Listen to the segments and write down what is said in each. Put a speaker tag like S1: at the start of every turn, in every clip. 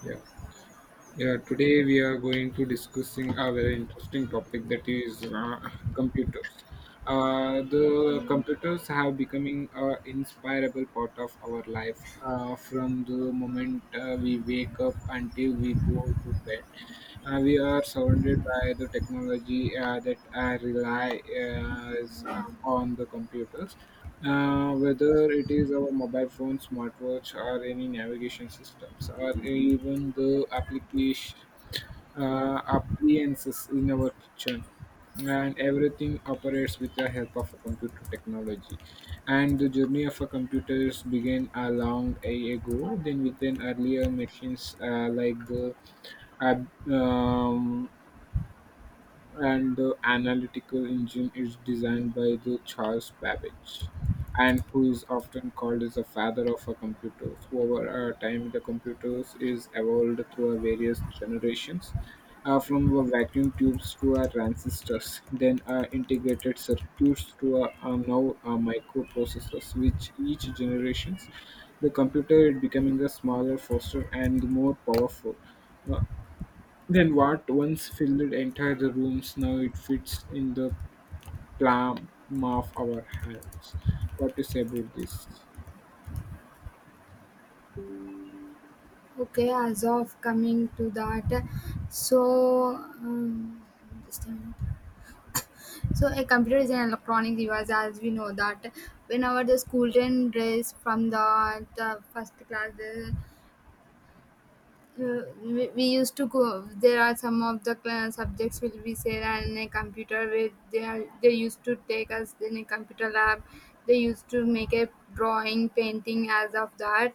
S1: Yeah, yeah. Today we are going to discussing a very interesting topic that is computers. The computers have becoming an inspirable part of our life from the moment we wake up until we go to bed. We are surrounded by the technology that relies on the computers. Whether it is our mobile phone, smartwatch, or any navigation systems, or even the application appliances in our kitchen, and everything operates with the help of a computer technology. And the journey of a computers began a long a ago, then with an earlier machines like the ab- um, and the analytical engine is designed by the Charles Babbage, and who is often called as the father of our computers. Over our time, the computers is evolved through our various generations, from our vacuum tubes to our transistors, then our integrated circuits to our now our microprocessors, which each generations the computer is becoming a smaller, faster, and more powerful. Uh, then what once filled entire the rooms, now it fits in the palm of our hands. What you say about this?
S2: Okay, as of coming to that, so um, just a minute. So a computer is an electronic device, as we know that whenever the school children dress from the first class, we used to go. There are some of the subjects will be said in a computer where they used to take us in a computer lab. They used to make a drawing, painting as of that.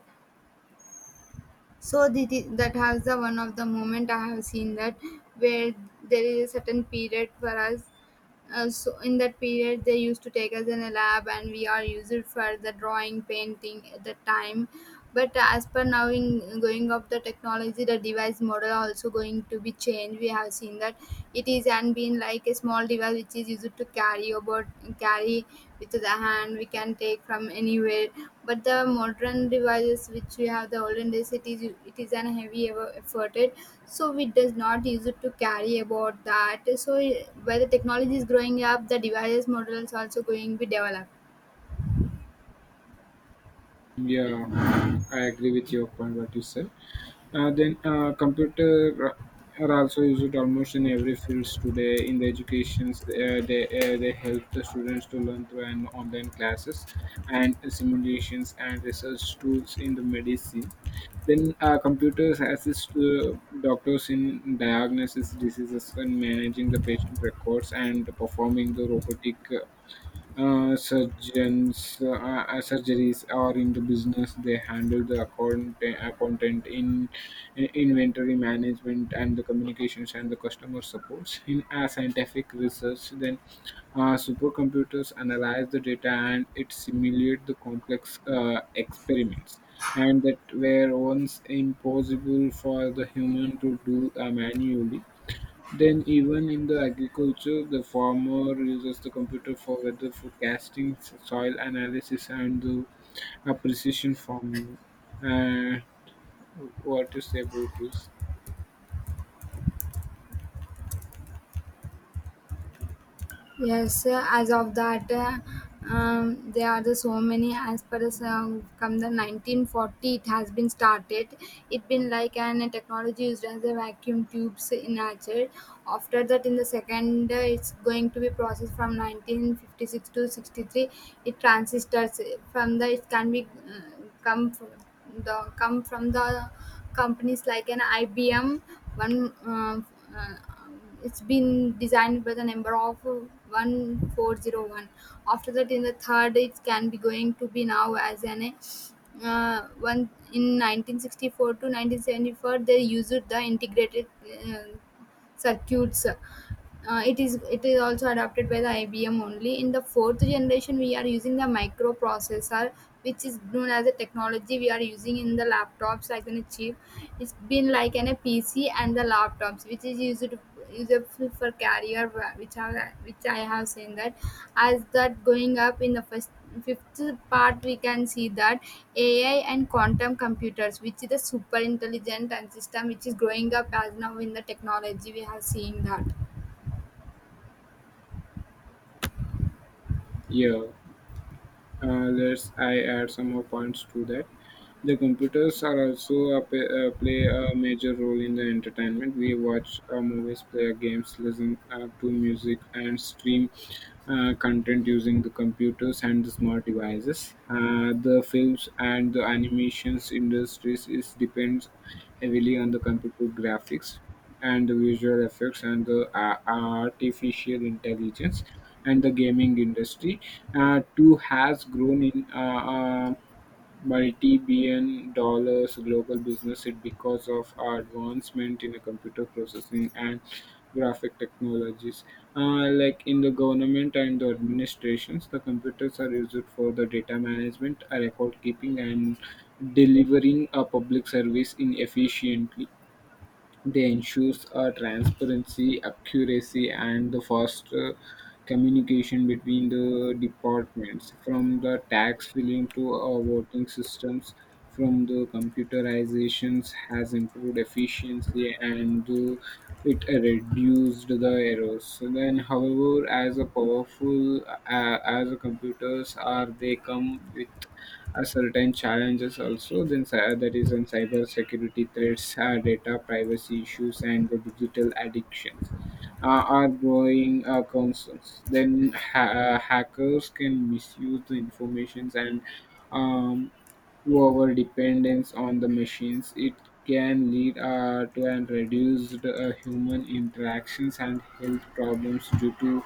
S2: So that has the one of the moment I have seen that, where there is a certain period for us. So in that period, they used to take us in a lab, and we are used for the drawing, painting at the time. But as per now, in going of the technology, the device model also going to be changed. We have seen that it is and been like a small device which is used to carry about, carry with the hand, we can take from anywhere, but the modern devices which we have the olden days, it is an heavy ever efforted, so we does not use it to carry about that. So where the technology is growing up, the devices models also going to be developed.
S1: Yeah, I agree with your point. What you said. Then computer are also used almost in every fields today in the educations they help the students to learn through an online classes and simulations and research tools in the medicine then computers assist doctors in diagnosis diseases and managing the patient records and performing the robotic surgeons surgeries are in the business they handle the accountant in inventory management and the communications and the customer supports in scientific research then supercomputers analyze the data and it simulate the complex experiments and that were once impossible for the human to do manually then, even in the agriculture, the farmer uses the computer for weather forecasting, soil analysis, and the precision farming. Uh, what you say about this?
S2: Yes, as of that, there are the so many. As per as, from the 1940, it has been started. It been like an technology used as a vacuum tubes in nature. After that, in the second, it's going to be processed from 1956 to 63. It transistors from the it can be come from the companies like an IBM. One, uh, it's been designed by the number of 1401. After that, in the third, it can be going to be now as an one in 1964 to 1974. They used the integrated uh, circuits. It is also adopted by the IBM only. In the fourth generation, we are using the microprocessor, which is known as a technology we are using in the laptops like in a chip. It's been like in a PC and the laptops, which is used useful for career, which are which I have seen that. As that going up in the first fifth part, we can see that AI and quantum computers which is the super intelligent and system which is growing up as now in the technology, we have seen that.
S1: Yeah, let's I add some more points to that. The computers are also play a major role in the entertainment. We watch movies, play games, listen to music, and stream content using the computers and the smart devices. The films and the animations industries is depends heavily on the computer graphics and the visual effects and the artificial intelligence and the gaming industry too has grown in multi-billion dollars global business it because of our advancement in computer processing and graphic technologies. Like in the government and the administrations, the computers are used for the data management, record keeping, and delivering a public service in efficiently. They ensures transparency, accuracy, and the faster communication between the departments, from the tax filing to our voting systems, from the computerizations has improved efficiency and the it reduced the errors. Then, however, as a powerful as a computers are, they come with are certain challenges also then that is on cyber security threats data privacy issues and the digital addictions are growing concerns then hackers can misuse the informations and um, over dependence on the machines. It can lead to and reduced human interactions and health problems due to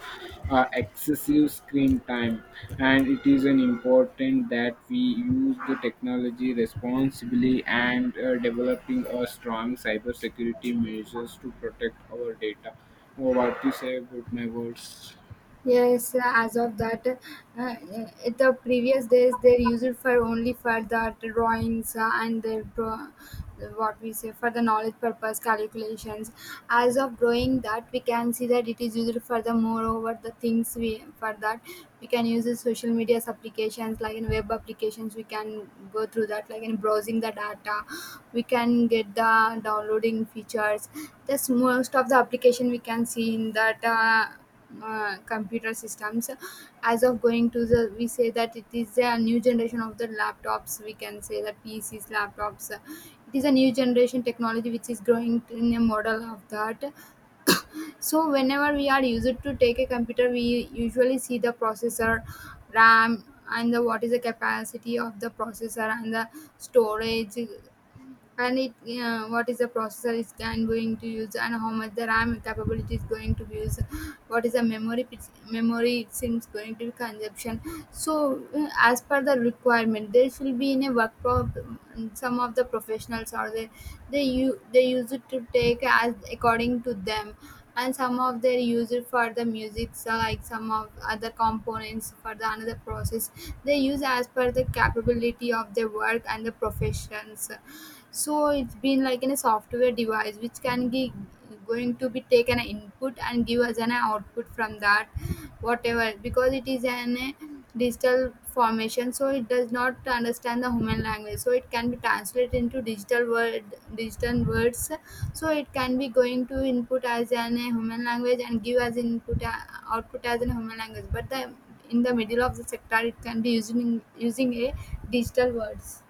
S1: excessive screen time. And it is an important that we use the technology responsibly and developing a strong cybersecurity measures to protect our data. Oh, what you say about my words?
S2: Yes, as of that, uh, in the previous days they used it for only for the drawings and the what we say for the knowledge purpose calculations. As of growing that, we can see that it is used for the moreover the things we for that, we can use the social media applications like in web applications, we can go through that like in browsing the data, we can get the downloading features. That's most of the application we can see in that. Computer systems as of going to the, we say that it is a new generation of the laptops, we can say that PCs, laptops, it is a new generation technology which is growing in a model of that. So whenever we are used to take a computer, we usually see the processor, RAM, and the what is the capacity of the processor and the storage, and it, what is the processor is can going to use, and how much the RAM capability is going to be used. What is the memory memory it seems going to be consumption. So as per the requirement, there will be in a work prob. Some of the professionals are there, they use it to take as according to them. And some of they use it for the music, so like some of other components for the another process, they use as per the capability of their work and the professions. So it's been like in a software device which can be going to be taken an input and give us an output from that, whatever, because it is an a digital formation, so it does not understand the human language, so it can be translated into digital words. So it can be going to input as an a human language and give as input, output as a human language, but the in the middle of the sector, it can be using a digital words.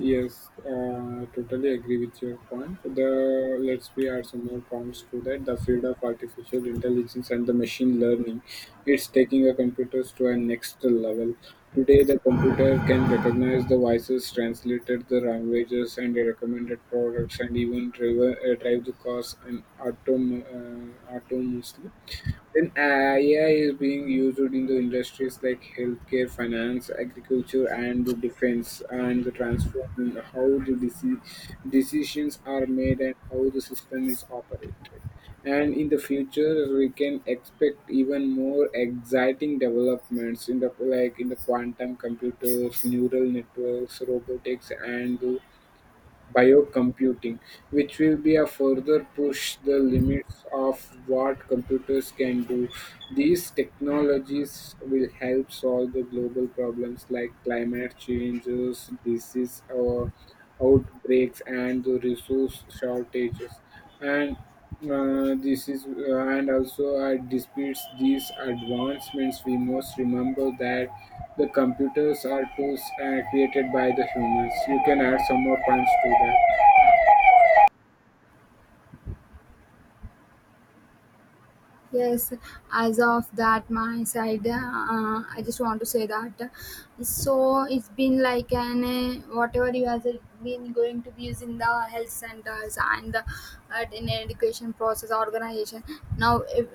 S1: Yes, totally agree with your point. The let's we add some more points to that. The field of artificial intelligence and the machine learning, it's taking the computers to a next level. Today, the computer can recognize the voices, translated the languages, and the recommended products, and even drive the cars and autonomously. Then AI is being used in the industries like healthcare, finance, agriculture, and the defense, and the transforming how the decisions are made and how the system is operated. And in the future, we can expect even more exciting developments in the like in the quantum computers, neural networks, robotics, and the biocomputing, which will be a further push the limits of what computers can do. These technologies will help solve the global problems like climate changes, disease or outbreaks, and the resource shortages. And this is and also Despite these advancements we must remember that the computers are tools created by the humans. You can add some more points to that.
S2: Yes, as of that, my side, I just want to say that. So it's been like an whatever you have been going to be using the health centers and the, in education process organization. Now, if,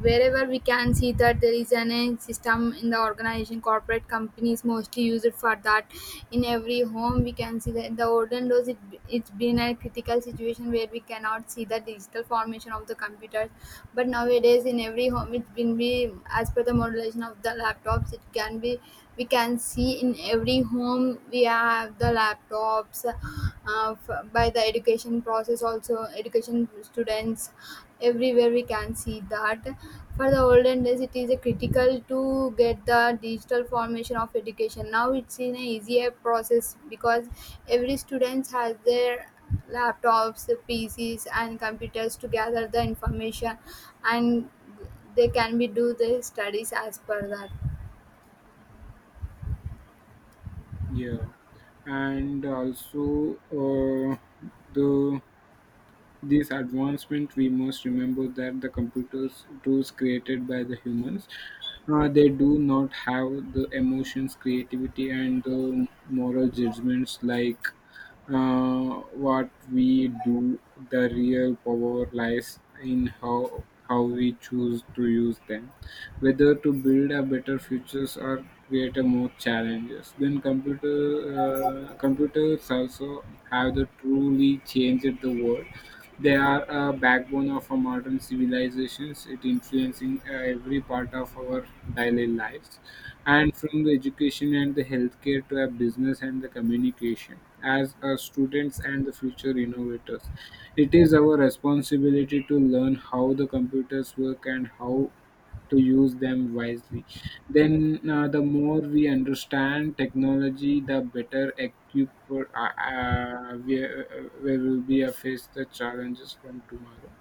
S2: wherever we can see that there is an system in the organization, corporate companies mostly use it for that. In every home, we can see that the olden days it's been a critical situation where we cannot see the digital formation of the computers, but nowadays in every home it can be as per the modulation of the laptops, it can be, we can see in every home we have the laptops, by the education process also education students, everywhere we can see that. For the olden days it is a critical to get the digital formation of education, now it's in a easier process because every student has their laptops, PCs, and computers to gather the information, and they can be do the studies as per that.
S1: Yeah, and also the this advancement we must remember that the computers tools created by the humans they do not have the emotions creativity and the moral judgments like what we do, the real power lies in how we choose to use them, whether to build a better futures or create a more challenges. Then computers also have the truly changed the world. They are a backbone of our modern civilizations, it influencing every part of our daily lives, and from the education and the healthcare to our business and the communication. As our students and the future innovators, it is our responsibility to learn how the computers work and how to use them wisely. Then, the more we understand technology, the better equipped we will be face the challenges from tomorrow.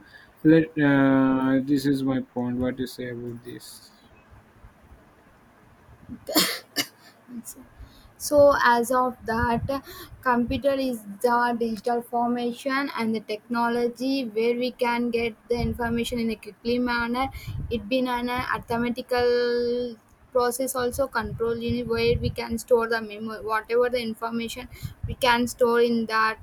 S1: Let This is my point. What do you say about this?
S2: So as of that, computer is the digital formation and the technology where we can get the information in a quickly manner. It been an arithmetical process also control unit where we can store the memory whatever the information we can store in that.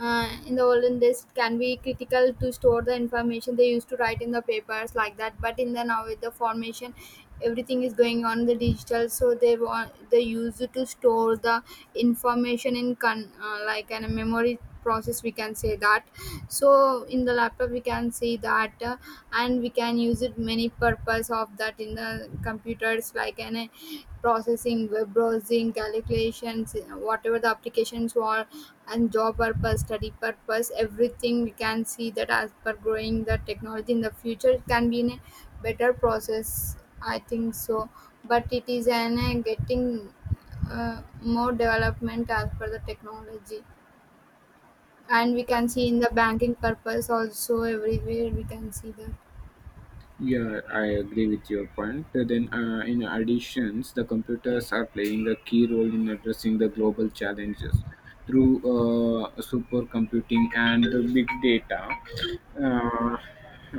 S2: In the olden days it can be critical to store the information, they used to write in the papers like that, but in the now with the formation, everything is going on the digital, so they want they use it to store the information in like in a memory process, we can say that. So in the laptop we can see that, and we can use it many purpose of that in the computers like in a processing, web browsing, calculations, whatever the applications were, and job purpose, study purpose, everything we can see that. As per growing the technology, in the future it can be in a better process, I think so, but it is an getting more development as per the technology. And we can see in the banking purpose also, everywhere we can see that.
S1: Yeah, I agree with your point. Then, in additions, the computers are playing a key role in addressing the global challenges through supercomputing and the big data. Uh,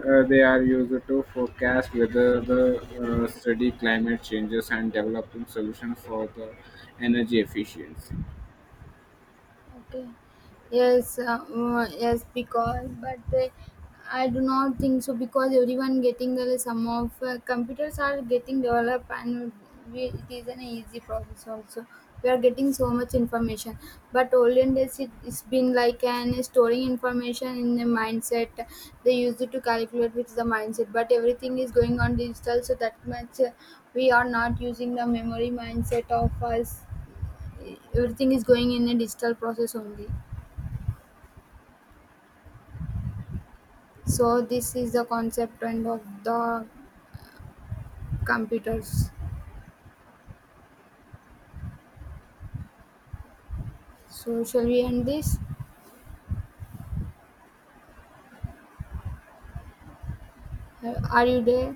S1: they are used to forecast whether the study climate changes and developing solutions for the energy efficiency.
S2: Okay. Yes, mm, yes, because but I do not think so, because everyone getting the some of computers are getting developed, and it is an easy process also. We are getting so much information, but olden days it's been like an storing information in the mindset. They use it to calculate with the mindset, but everything is going on digital, so that much, we are not using the memory mindset of us, everything is going in a digital process only. So this is the concept and of the computers. So shall we end this? Uh, are you there?